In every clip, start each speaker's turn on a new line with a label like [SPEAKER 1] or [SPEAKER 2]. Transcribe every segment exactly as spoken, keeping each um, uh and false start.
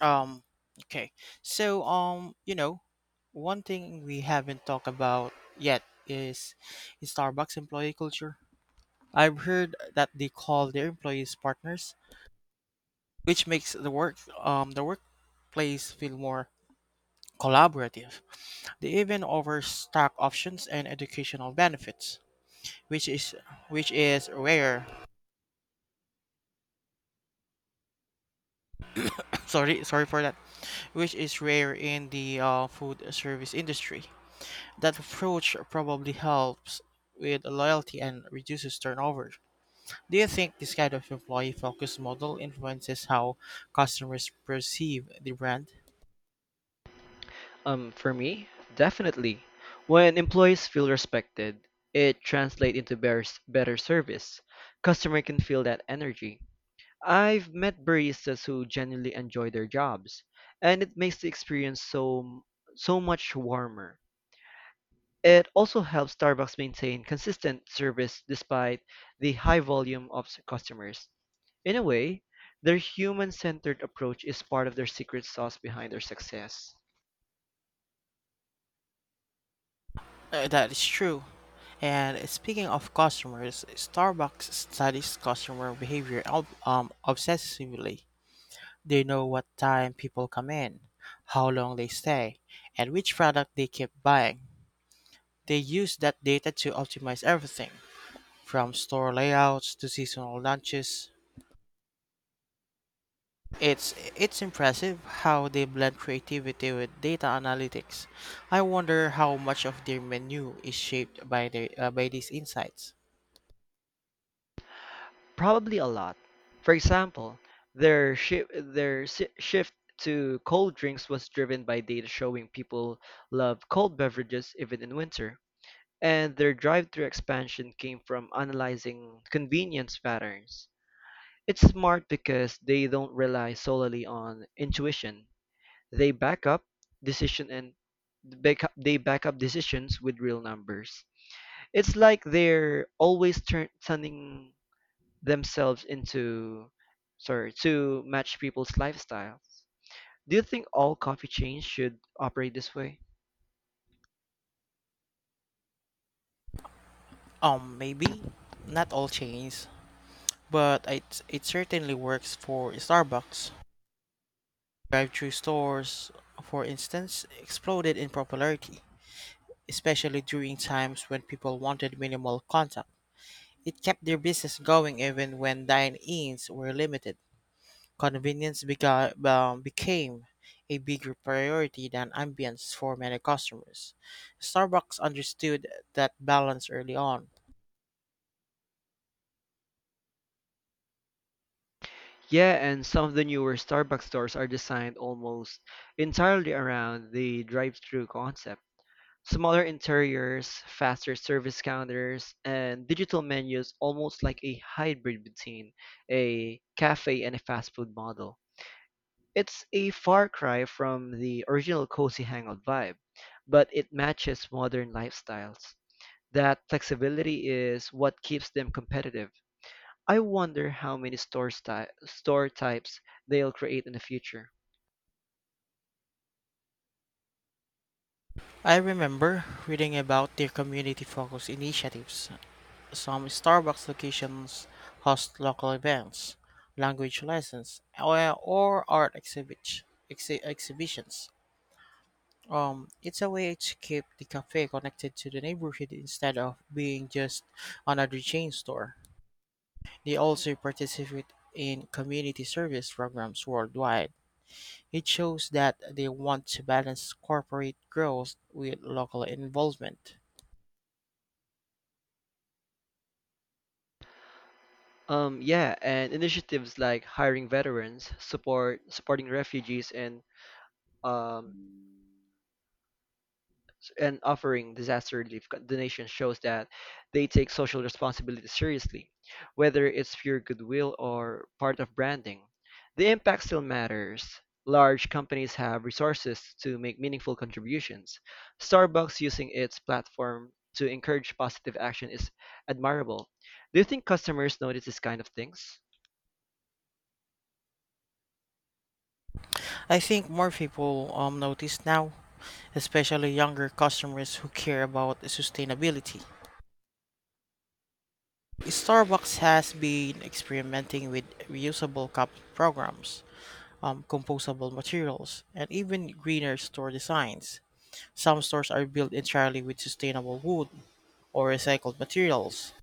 [SPEAKER 1] Um, okay. So, um, you know, one thing we haven't talked about yet is, is Starbucks employee culture. I've heard that they call their employees partners, which makes the work um the workplace feel more collaborative. They even offer stock options and educational benefits, which is which is rare. Sorry, sorry for that. Which is rare in the uh, food service industry. That approach probably helps with loyalty and reduces turnover. Do you think this kind of employee focused model influences how customers perceive the brand?
[SPEAKER 2] Um, for me, definitely. When employees feel respected, it translates into better, better service. Customer can feel that energy. I've met baristas who genuinely enjoy their jobs, and it makes the experience so so much warmer. It also helps Starbucks maintain consistent service despite the high volume of s- customers. In a way, their human-centered approach is part of their secret sauce behind their success.
[SPEAKER 1] Uh, that is true. And speaking of customers, Starbucks studies customer behavior ob- um, obsessively. They know what time people come in, how long they stay, and which product they keep buying. They use that data to optimize everything from store layouts to seasonal launches. It's it's impressive how they blend creativity with data analytics. I wonder how much of their menu is shaped by the uh, by these insights.
[SPEAKER 2] Probably a lot. For example, their shi their si shift to cold drinks was driven by data showing people love cold beverages even in winter, and their drive-through expansion came from analyzing convenience patterns. It's smart because they don't rely solely on intuition. They back up decision and back up, they back up decisions with real numbers. It's like they're always turn, turning themselves into sorry to match people's lifestyles. Do you think all coffee chains should operate this way?
[SPEAKER 1] Um, maybe not all chains, but it it certainly works for Starbucks. Drive-through stores, for instance, exploded in popularity, especially during times when people wanted minimal contact. It kept their business going even when dine-ins were limited. Convenience beca- um, became a bigger priority than ambience for many customers. Starbucks understood that balance early on.
[SPEAKER 2] Yeah, and some of the newer Starbucks stores are designed almost entirely around the drive-through concept. Smaller interiors, faster service counters, and digital menus, almost like a hybrid between a cafe and a fast food model. It's a far cry from the original cozy hangout vibe, but it matches modern lifestyles. That flexibility is what keeps them competitive. I wonder how many store sty- store types they'll create in the future.
[SPEAKER 1] I remember reading about their community focused initiatives. Some Starbucks locations host local events, language lessons, or, or art exhibit, exhi- exhibitions. Um, it's a way to keep the cafe connected to the neighborhood instead of being just another chain store. They also participate in community service programs worldwide. It shows that they want to balance corporate growth with local involvement.
[SPEAKER 2] Um, yeah, and initiatives like hiring veterans, support supporting refugees, and um, and offering disaster relief donations shows that they take social responsibility seriously, whether it's pure goodwill or part of branding. The impact still matters. Large companies have resources to make meaningful contributions. Starbucks using its platform to encourage positive action is admirable. Do you think customers notice this kind of things?
[SPEAKER 1] I think more people um, notice now, especially younger customers who care about sustainability. Starbucks has been experimenting with reusable cup programs, um, compostable materials, and even greener store designs. Some stores are built entirely with sustainable wood, or recycled materials.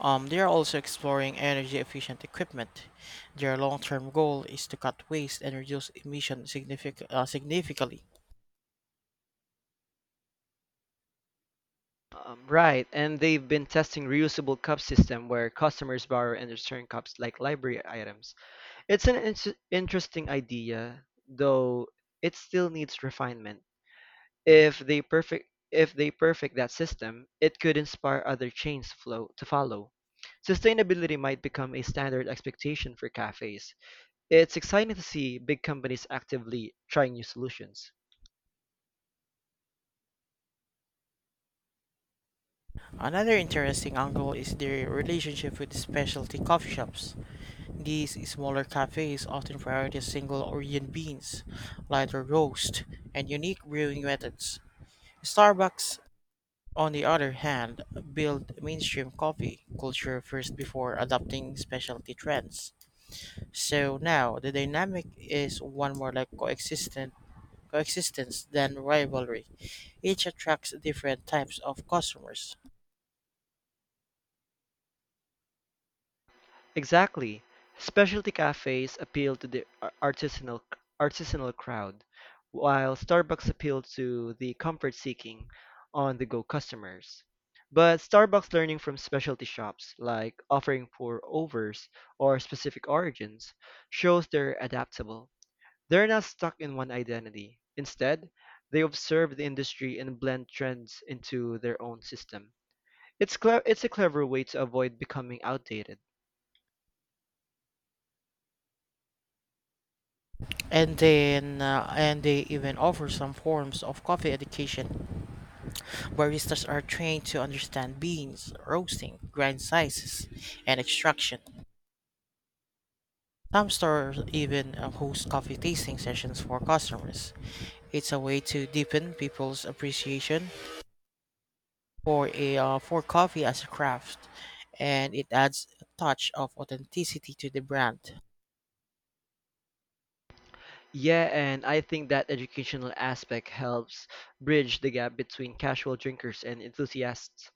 [SPEAKER 1] Um, they are also exploring energy efficient equipment. Their long term goal is to cut waste and reduce emissions signific- uh, significantly.
[SPEAKER 2] Um, right, and they've been testing reusable cup system where customers borrow and return cups like library items. It's an ins interesting idea, though it still needs refinement. If they perfect if they perfect that system, it could inspire other chains to flow to follow. Sustainability might become a standard expectation for cafes. It's exciting to see big companies actively trying new solutions.
[SPEAKER 1] Another interesting angle is their relationship with specialty coffee shops. These smaller cafes often prioritize single origin beans, lighter roast, and unique brewing methods. Starbucks, on the other hand, built mainstream coffee culture first before adopting specialty trends. So now the dynamic is one more like coexistent coexistence than rivalry. Each attracts different types of customers,
[SPEAKER 2] Exactly. Specialty cafes appeal to the ar- artisanal artisanal crowd, while Starbucks appeal to the comfort-seeking, on-the-go customers. But Starbucks learning from specialty shops, like offering pour-overs or specific origins, shows they're adaptable. They're not stuck in one identity. Instead, they observe the industry and blend trends into their own system. It's cle- it's a clever way to avoid becoming outdated.
[SPEAKER 1] and then uh, and they even offer some forms of coffee education. Baristas are trained to understand beans, roasting, grind sizes, and extraction. Some stores even uh, host coffee tasting sessions for customers. It's a way to deepen people's appreciation for a uh, for coffee as a craft, and it adds a touch of authenticity to the brand.
[SPEAKER 2] Yeah, and I think that educational aspect helps bridge the gap between casual drinkers and enthusiasts.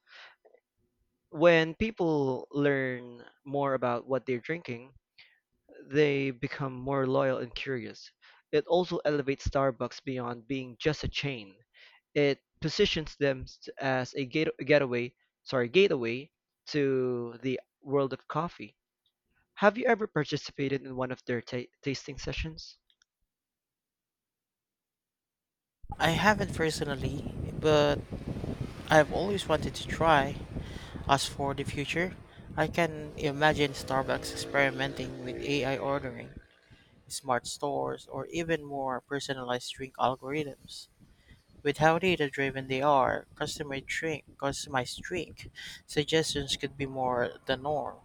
[SPEAKER 2] When people learn more about what they're drinking, they become more loyal and curious. It also elevates Starbucks beyond being just a chain. It positions them s- as a gate- getaway, sorry, gateway to the world of coffee. Have you ever participated in one of their ta- tasting sessions?
[SPEAKER 1] I haven't personally, but I've always wanted to try. As for the future, I can imagine Starbucks experimenting with A I ordering, smart stores, or even more personalized drink algorithms. With how data driven they are, customer drink, customized drink suggestions could be more the norm.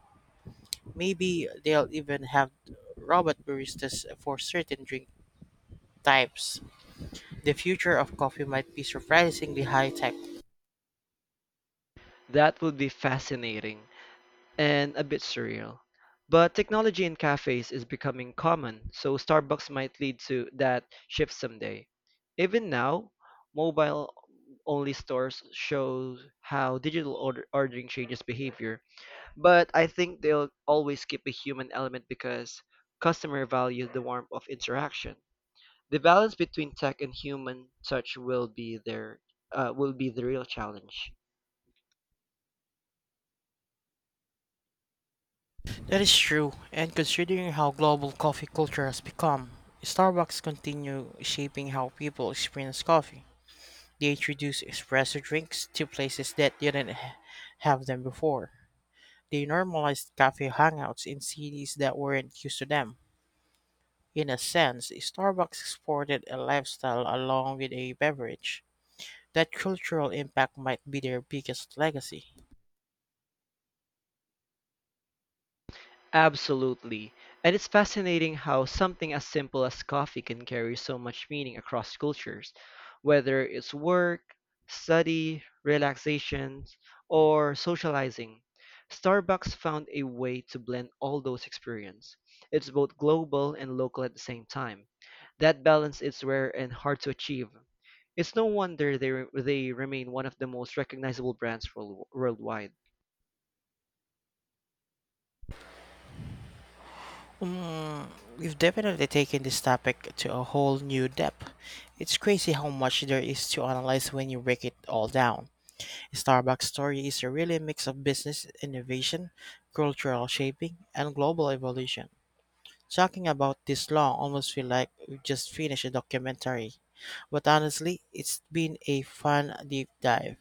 [SPEAKER 1] Maybe they'll even have robot baristas for certain drink types. The future of coffee might be surprisingly high tech.
[SPEAKER 2] That would be fascinating and a bit surreal. But technology in cafes is becoming common, so Starbucks might lead to that shift someday. Even now, mobile only stores show how digital order- ordering changes behavior, but I think they'll always keep a human element because customer values the warmth of interaction. The balance between tech and human touch will be there uh, will be the real challenge.
[SPEAKER 1] That is true, and considering how global coffee culture has become, Starbucks continue shaping how people experience coffee. They introduce espresso drinks to places that didn't h- have them before. They normalized cafe hangouts in cities that weren't used to them. In a sense, Starbucks exported a lifestyle along with a beverage. That cultural impact might be their biggest legacy.
[SPEAKER 2] Absolutely. And it's fascinating how something as simple as coffee can carry so much meaning across cultures, whether it's work, study, relaxation, or socializing. Starbucks found a way to blend all those experiences. It's both global and local at the same time. That balance is rare and hard to achieve. It's no wonder they, re- they remain one of the most recognizable brands world- worldwide.
[SPEAKER 1] Mm, we've definitely taken this topic to a whole new depth. It's crazy how much there is to analyze when you break it all down. Starbucks' story is a really mix of business innovation, cultural shaping, and global evolution. Talking about this long almost feel like we just finished a documentary. But honestly, it's been a fun deep dive.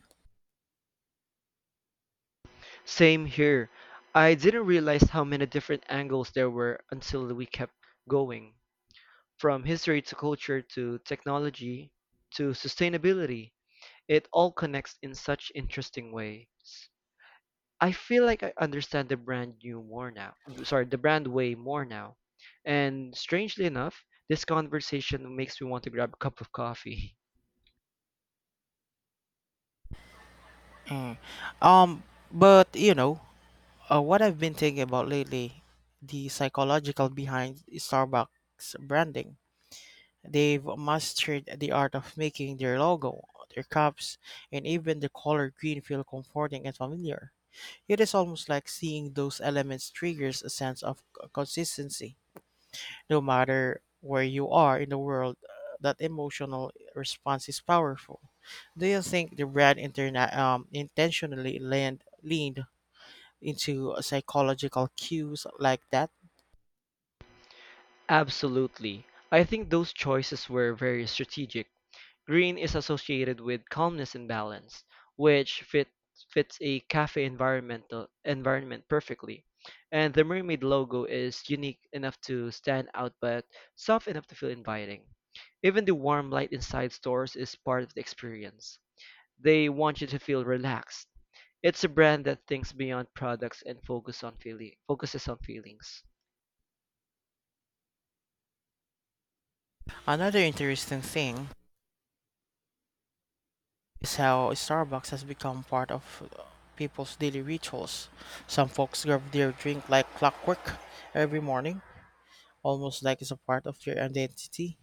[SPEAKER 2] Same here. I didn't realize how many different angles there were until we kept going. From history to culture to technology to sustainability, it all connects in such interesting ways. I feel like I understand the brand new more now. Sorry, the brand way more now. And strangely enough, this conversation makes me want to grab a cup of coffee.
[SPEAKER 1] Um, but you know, Uh, what I've been thinking about lately, the psychological behind Starbucks branding. They've mastered the art of making their logo, their cups, and even the color green feel comforting and familiar. It is almost like seeing those elements triggers a sense of c- consistency. No matter where you are in the world, uh, that emotional response is powerful. Do you think the brand interna- um, intentionally leaned, leaned into psychological cues like that?
[SPEAKER 2] Absolutely. I think those choices were very strategic. Green is associated with calmness and balance, which fit, fits a cafe environmental environment perfectly. And the mermaid logo is unique enough to stand out but soft enough to feel inviting. Even the warm light inside stores is part of the experience. They want you to feel relaxed. It's a brand that thinks beyond products and focus on feeling, focuses on feelings.
[SPEAKER 1] Another interesting thing is how Starbucks has become part of uh, people's daily rituals. Some folks grab their drink like clockwork every morning, almost like it's a part of their identity.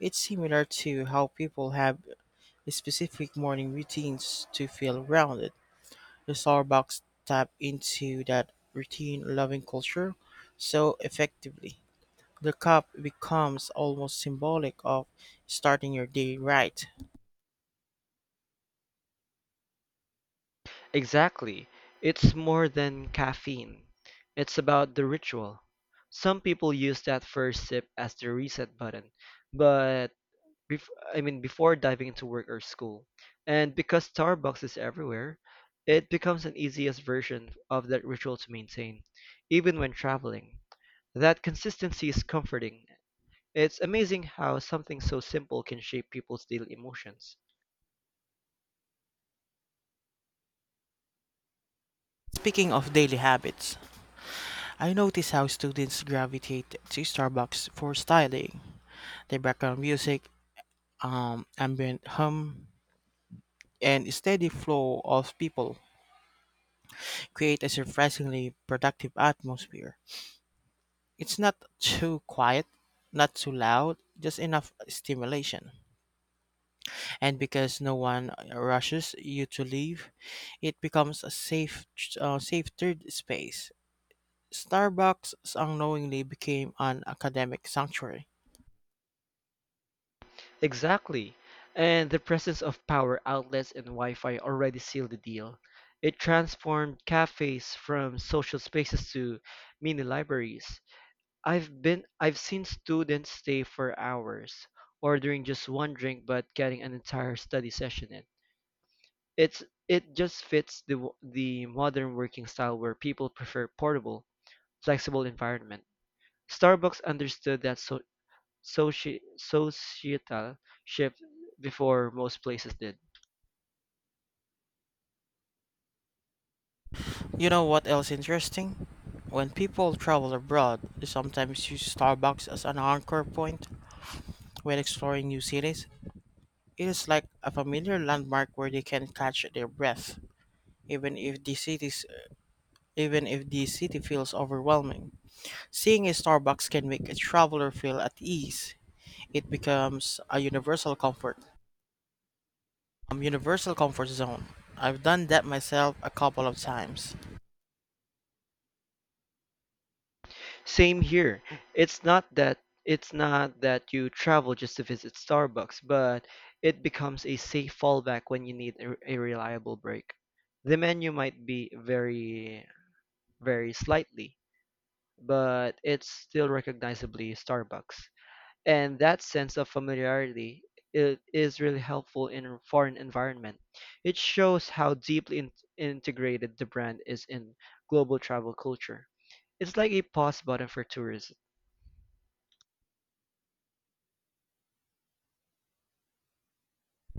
[SPEAKER 1] It's similar to how people have specific morning routines to feel grounded. The Starbucks tap into that routine loving culture so effectively. The cup becomes almost symbolic of starting your day right.
[SPEAKER 2] Exactly. It's more than caffeine. It's about the ritual. Some people use that first sip as the reset button, but bef- I mean before diving into work or school. And because Starbucks is everywhere, it becomes an easiest version of that ritual to maintain, even when traveling. That consistency is comforting. It's amazing how something so simple can shape people's daily emotions.
[SPEAKER 1] Speaking of daily habits, I notice how students gravitate to Starbucks for styling. The background music, um, ambient hum, and steady flow of people create a surprisingly productive atmosphere. It's not too quiet, not too loud, just enough stimulation. And because no one uh, rushes you to leave, it becomes a safe, uh, safe third space. Starbucks unknowingly became an academic sanctuary.
[SPEAKER 2] Exactly. And the presence of power outlets and Wi-Fi already sealed the deal. It transformed cafes from social spaces to mini libraries. I've been I've seen students stay for hours, ordering just one drink but getting an entire study session in. It's it just fits the w- the modern working style where people prefer portable, flexible environment. Starbucks understood that so soci- societal shift before most places did.
[SPEAKER 1] You know what else interesting? When people travel abroad, they sometimes use Starbucks as an anchor point when exploring new cities. It is like a familiar landmark where they can catch their breath, even if the cities, even if the city feels overwhelming. Seeing a Starbucks can make a traveler feel at ease. It becomes a universal comfort. Um, universal comfort zone. I've done that myself a couple of times.
[SPEAKER 2] Same here. It's not that it's not that you travel just to visit Starbucks, but it becomes a safe fallback when you need a, a reliable break. The menu might be very very slightly, but it's still recognizably Starbucks. And that sense of familiarity i- is really helpful in a foreign environment. It shows how deeply in- integrated the brand is in global travel culture. It's like a pause button for tourism.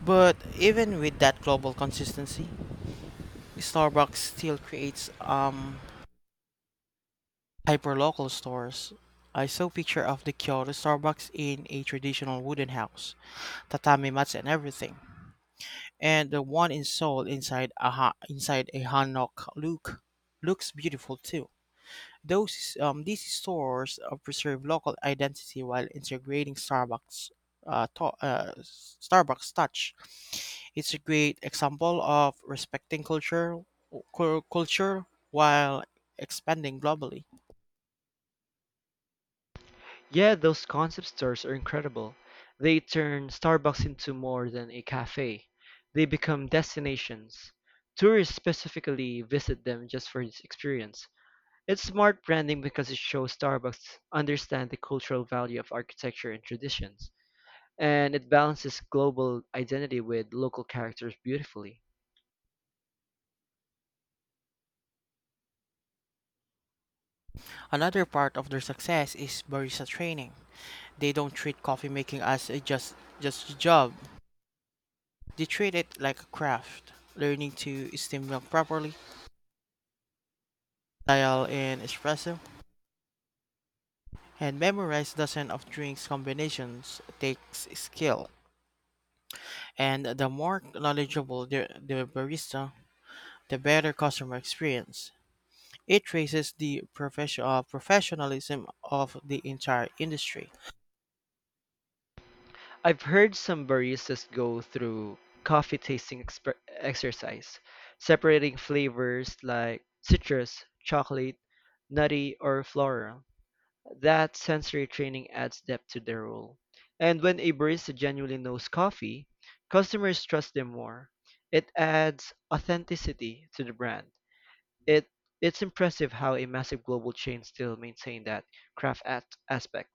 [SPEAKER 1] But even with that global consistency, Starbucks still creates um hyperlocal stores. I saw picture of the Kyoto Starbucks in a traditional wooden house, tatami mats and everything, and the one in Seoul inside a ha- inside a hanok look looks beautiful too. Those um, these stores uh, preserve local identity while integrating Starbucks uh, to- uh, Starbucks touch. It's a great example of respecting culture cul- culture while expanding globally.
[SPEAKER 2] Yeah, those concept stores are incredible. They turn Starbucks into more than a cafe. They become destinations. Tourists specifically visit them just for this experience. It's smart branding because it shows Starbucks understand the cultural value of architecture and traditions, and it balances global identity with local characters beautifully.
[SPEAKER 1] Another part of their success is barista training. They don't treat coffee making as a just just a job. They treat it like a craft, learning to steam milk properly, dial in espresso, and memorize dozens of drinks combinations takes skill. And the more knowledgeable the, the barista, the better customer experience. It raises the profession, uh, professionalism of the entire industry.
[SPEAKER 2] I've heard some baristas go through coffee tasting exper- exercise, separating flavors like citrus, chocolate, nutty, or floral. That sensory training adds depth to their role. And when a barista genuinely knows coffee, customers trust them more. It adds authenticity to the brand. It it's impressive how a massive global chain still maintain that craft at aspect.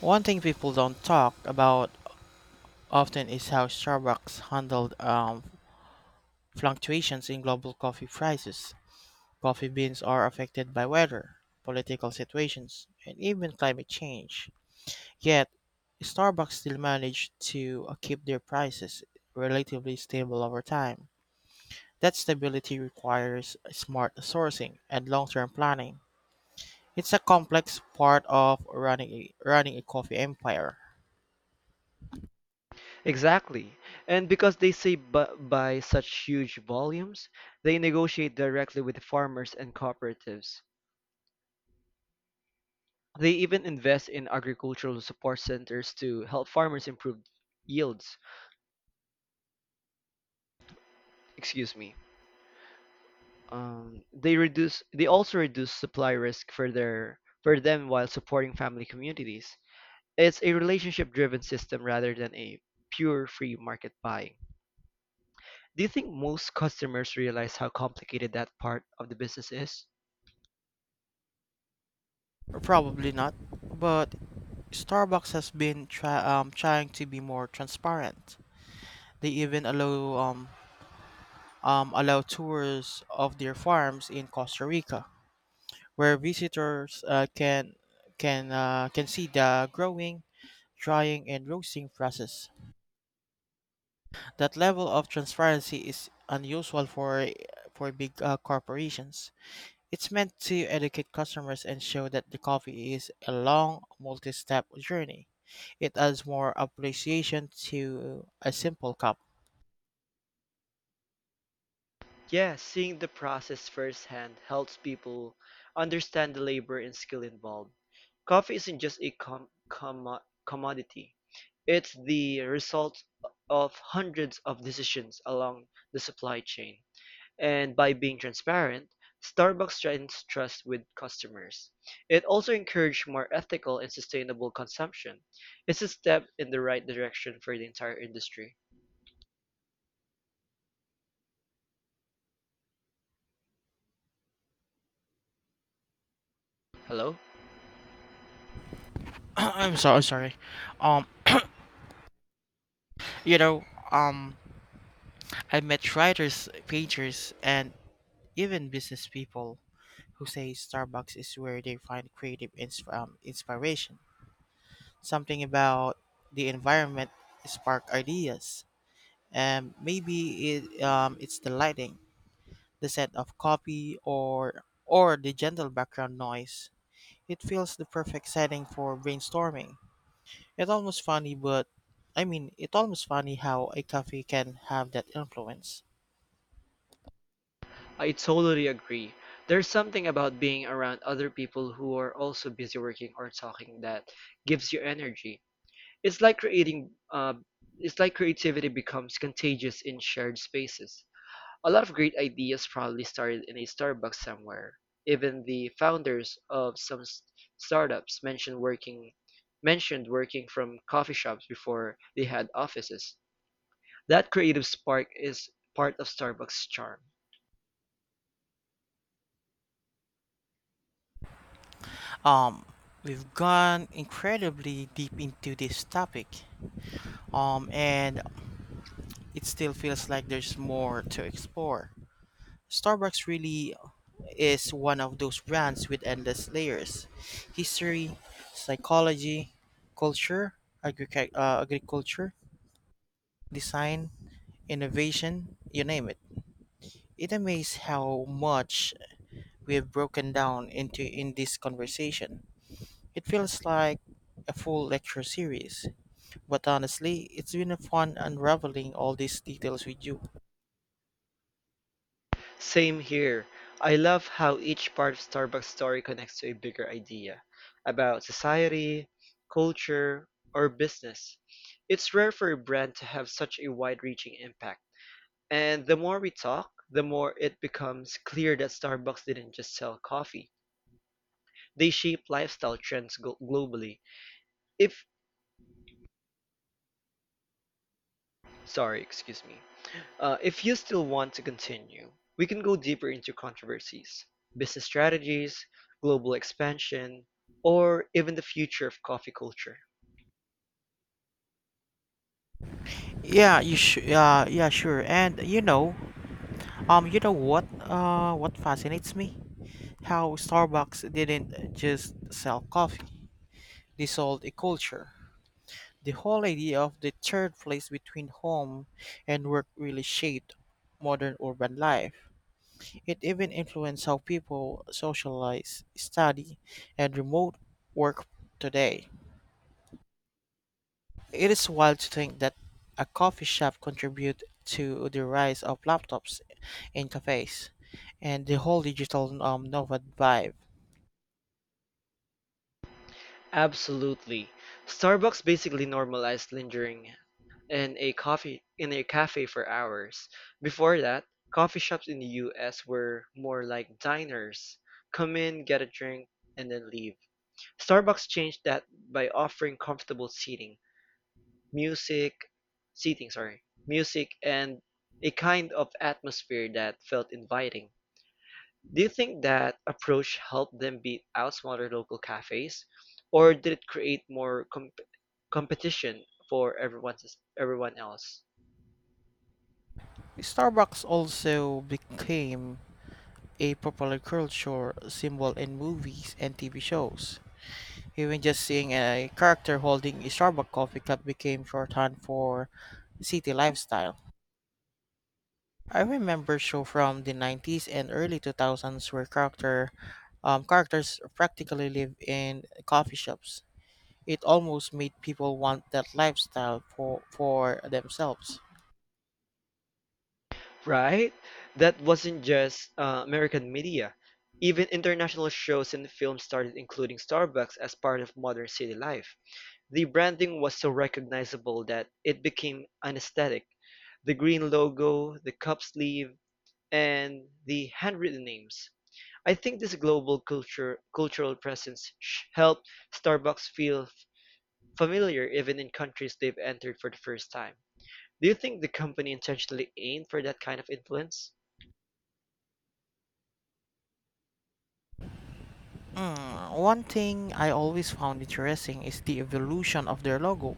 [SPEAKER 1] One thing people don't talk about often is how Starbucks handled um, fluctuations in global coffee prices. Coffee beans are affected by weather, political situations, and even climate change. Yet, Starbucks still managed to uh, keep their prices relatively stable over time. That stability requires smart sourcing and long-term planning. It's a complex part of running a, running a coffee empire.
[SPEAKER 2] Exactly. And because they save bu- by such huge volumes, they negotiate directly with farmers and cooperatives. They even invest in agricultural support centers to help farmers improve yields. Excuse me. Um, they reduce they also reduce supply risk for their for them while supporting family communities. It's a relationship driven system rather than a pure free market buying. Do you think most customers realize how complicated that part of the business is?
[SPEAKER 1] Probably not, but Starbucks has been try, um, trying to be more transparent. They even allow um, um, allow tours of their farms in Costa Rica, where visitors uh, can can uh, can see the growing, drying, and roasting process. That level of transparency is unusual for for big uh, corporations. It's meant to educate customers and show that the coffee is a long, multi-step journey. It adds more appreciation to a simple cup.
[SPEAKER 2] Yeah, seeing the process firsthand helps people understand the labor and skill involved. Coffee isn't just a com- commo- commodity, it's the result of hundreds of decisions along the supply chain. And by being transparent, Starbucks strengthens trust with customers. It also encouraged more ethical and sustainable consumption. It's a step in the right direction for the entire industry. Hello?
[SPEAKER 1] I'm so I'm sorry. Um, you know, um, I met writers, painters, and even business people who say Starbucks is where they find creative ins- um, inspiration. Something about the environment spark ideas, and maybe it, um, it's the lighting, the scent of coffee, or or the gentle background noise. It feels the perfect setting for brainstorming. It's almost funny, but I mean, it's almost funny how a coffee can have that influence.
[SPEAKER 2] I totally agree. There's something about being around other people who are also busy working or talking that gives you energy. It's like creating uh, it's like creativity becomes contagious in shared spaces. A lot of great ideas probably started in a Starbucks somewhere. Even the founders of some s- startups mentioned working mentioned working from coffee shops before they had offices. That creative spark is part of Starbucks' charm.
[SPEAKER 1] Um, we've gone incredibly deep into this topic. Um, and it still feels like there's more to explore. Starbucks really is one of those brands with endless layers: history, psychology, culture, agric- uh, agriculture, design, innovation, you name it. It amazes how much we have broken down into in this conversation. It feels like a full lecture series, but honestly, it's been a fun unraveling all these details with you.
[SPEAKER 2] Same here. I love how each part of Starbucks' story connects to a bigger idea about society, culture, or business. It's rare for a brand to have such a wide-reaching impact. And the more we talk, the more it becomes clear that Starbucks didn't just sell coffee. They shape lifestyle trends globally. If, sorry, excuse me. Uh, if you still want to continue, we can go deeper into controversies, business strategies, global expansion, or even the future of coffee culture.
[SPEAKER 1] Yeah, you sh- uh, yeah, sure. And you know, um, you know what? Uh, what fascinates me? How Starbucks didn't just sell coffee; they sold a culture. The whole idea of the third place between home and work really shaped modern urban life. It even influenced how people socialize, study, and remote work today. It is wild to think that a coffee shop contributed to the rise of laptops in cafes and the whole digital um, nomad vibe.
[SPEAKER 2] Absolutely. Starbucks basically normalized lingering in a coffee in a cafe for hours. Before that, coffee shops in the U S were more like diners. Come in, get a drink, and then leave. Starbucks changed that by offering comfortable seating, music, seating, sorry, music, and a kind of atmosphere that felt inviting. Do you think that approach helped them beat out smaller local cafes, or did it create more com- competition for everyone's everyone else?
[SPEAKER 1] Starbucks also became a popular culture symbol in movies and T V shows. Even just seeing a character holding a Starbucks coffee cup became shorthand for city lifestyle. I remember show from the nineties and early two thousands where character um, characters practically live in coffee shops. It almost made people want that lifestyle for, for themselves.
[SPEAKER 2] Right? That wasn't just uh, American media. Even international shows and films started including Starbucks as part of modern city life. The branding was so recognizable that it became an aesthetic. The green logo, the cup sleeve, and the handwritten names. I think this global culture cultural presence sh- helped Starbucks feel f- familiar even in countries they've entered for the first time. Do you think the company intentionally aimed for that kind of influence?
[SPEAKER 1] Mm, one thing I always found interesting is the evolution of their logo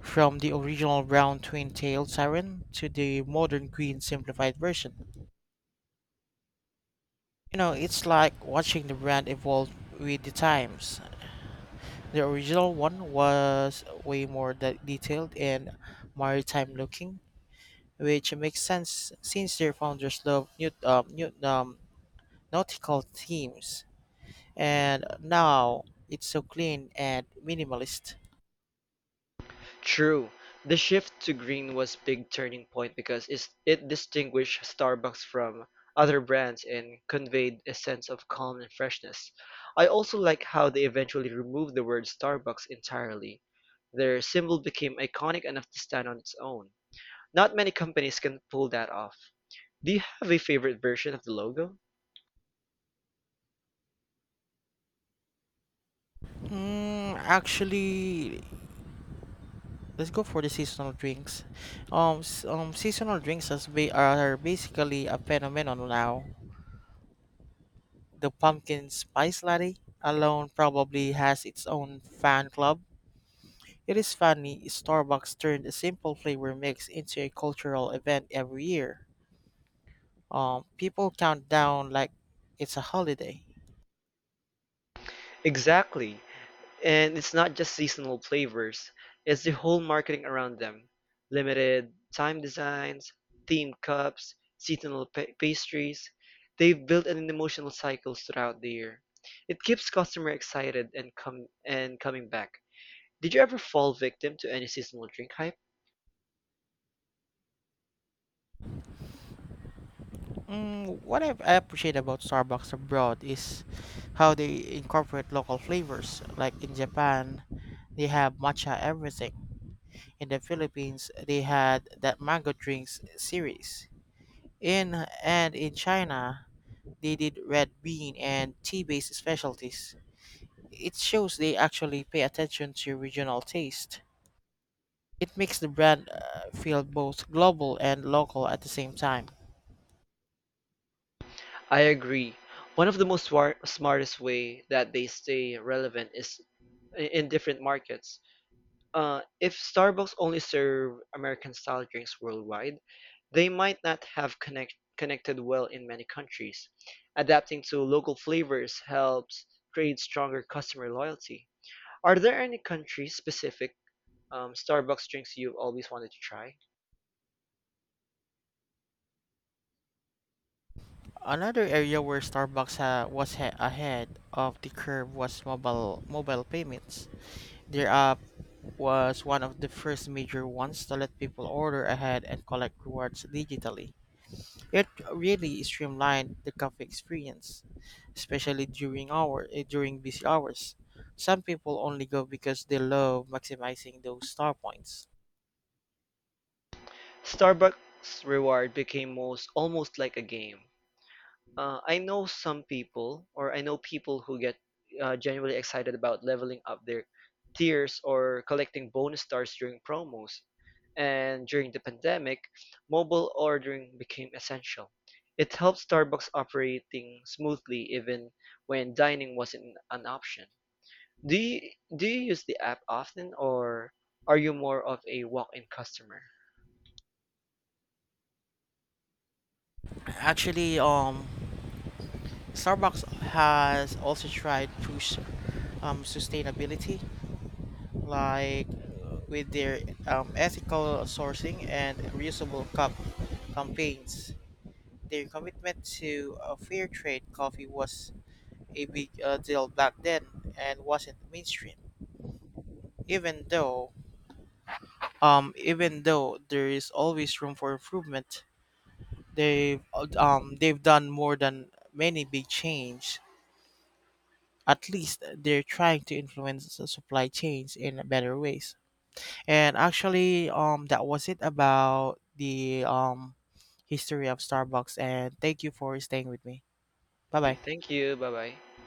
[SPEAKER 1] from the original brown twin-tailed siren to the modern green simplified version. You know, it's like watching the brand evolve with the times. The original one was way more de- detailed and maritime looking, which makes sense since their founders loved new, um, new, um, nautical themes. And now it's so clean and minimalist.
[SPEAKER 2] True, the shift to green was big turning point because is- it distinguished Starbucks from other brands and conveyed a sense of calm and freshness. I also like how they eventually removed the word Starbucks entirely. Their symbol became iconic enough to stand on its own. Not many companies can pull that off. Do you have a favorite version of the logo?
[SPEAKER 1] Mm, actually, let's go for the seasonal drinks. Um, s- um, seasonal drinks as ba- are basically a phenomenon now. The pumpkin spice latte alone probably has its own fan club. It is funny, Starbucks turned a simple flavor mix into a cultural event every year. Um, people count down like it's a holiday.
[SPEAKER 2] Exactly. And it's not just seasonal flavors, it's the whole marketing around them. Limited time designs, themed cups, seasonal pa- pastries. They've built an emotional cycle throughout the year. It keeps customer excited and com- and coming back. Did you ever fall victim to any seasonal drink hype?
[SPEAKER 1] Mm, what I I appreciate about Starbucks abroad is how they incorporate local flavors. Like in Japan, they have matcha everything. In the Philippines, they had that mango drinks series. In and in China, they did red bean and tea-based specialties. It shows they actually pay attention to regional taste. It makes the brand uh, feel both global and local at the same time.
[SPEAKER 2] I agree. One of the most war- smartest way that they stay relevant is i- in different markets. Uh, if Starbucks only served American-style drinks worldwide, they might not have connect connected well in many countries. Adapting to local flavors helps create stronger customer loyalty. Are there any country-specific um, Starbucks drinks you've always wanted to try?
[SPEAKER 1] Another area where Starbucks ha- was ha- ahead of the curve was mobile mobile payments. Their app was one of the first major ones to let people order ahead and collect rewards digitally. It really streamlined the cafe experience, especially during hour eh, during busy hours. Some people only go because they love maximizing those star points.
[SPEAKER 2] Starbucks reward became most almost like a game. Uh, I know some people, or I know people who get uh, genuinely excited about leveling up their tiers or collecting bonus stars during promos. And during the pandemic, mobile ordering became essential. It helped Starbucks operating smoothly even when dining wasn't an option. Do you do you use the app often or are you more of a walk-in customer?
[SPEAKER 1] Actually, um, Starbucks has also tried push um, sustainability, like uh, with their um, ethical sourcing and reusable cup campaigns. Their commitment to a fair trade coffee was a big uh, deal back then and wasn't mainstream. Even though, um, Even though there is always room for improvement, they've um they've done more than many big change. At least they're trying to influence the supply chains in better ways. And actually, um, that was it about the um history of Starbucks. And thank you for staying with me. Bye
[SPEAKER 2] Okay,
[SPEAKER 1] bye.
[SPEAKER 2] thank you. Bye-bye.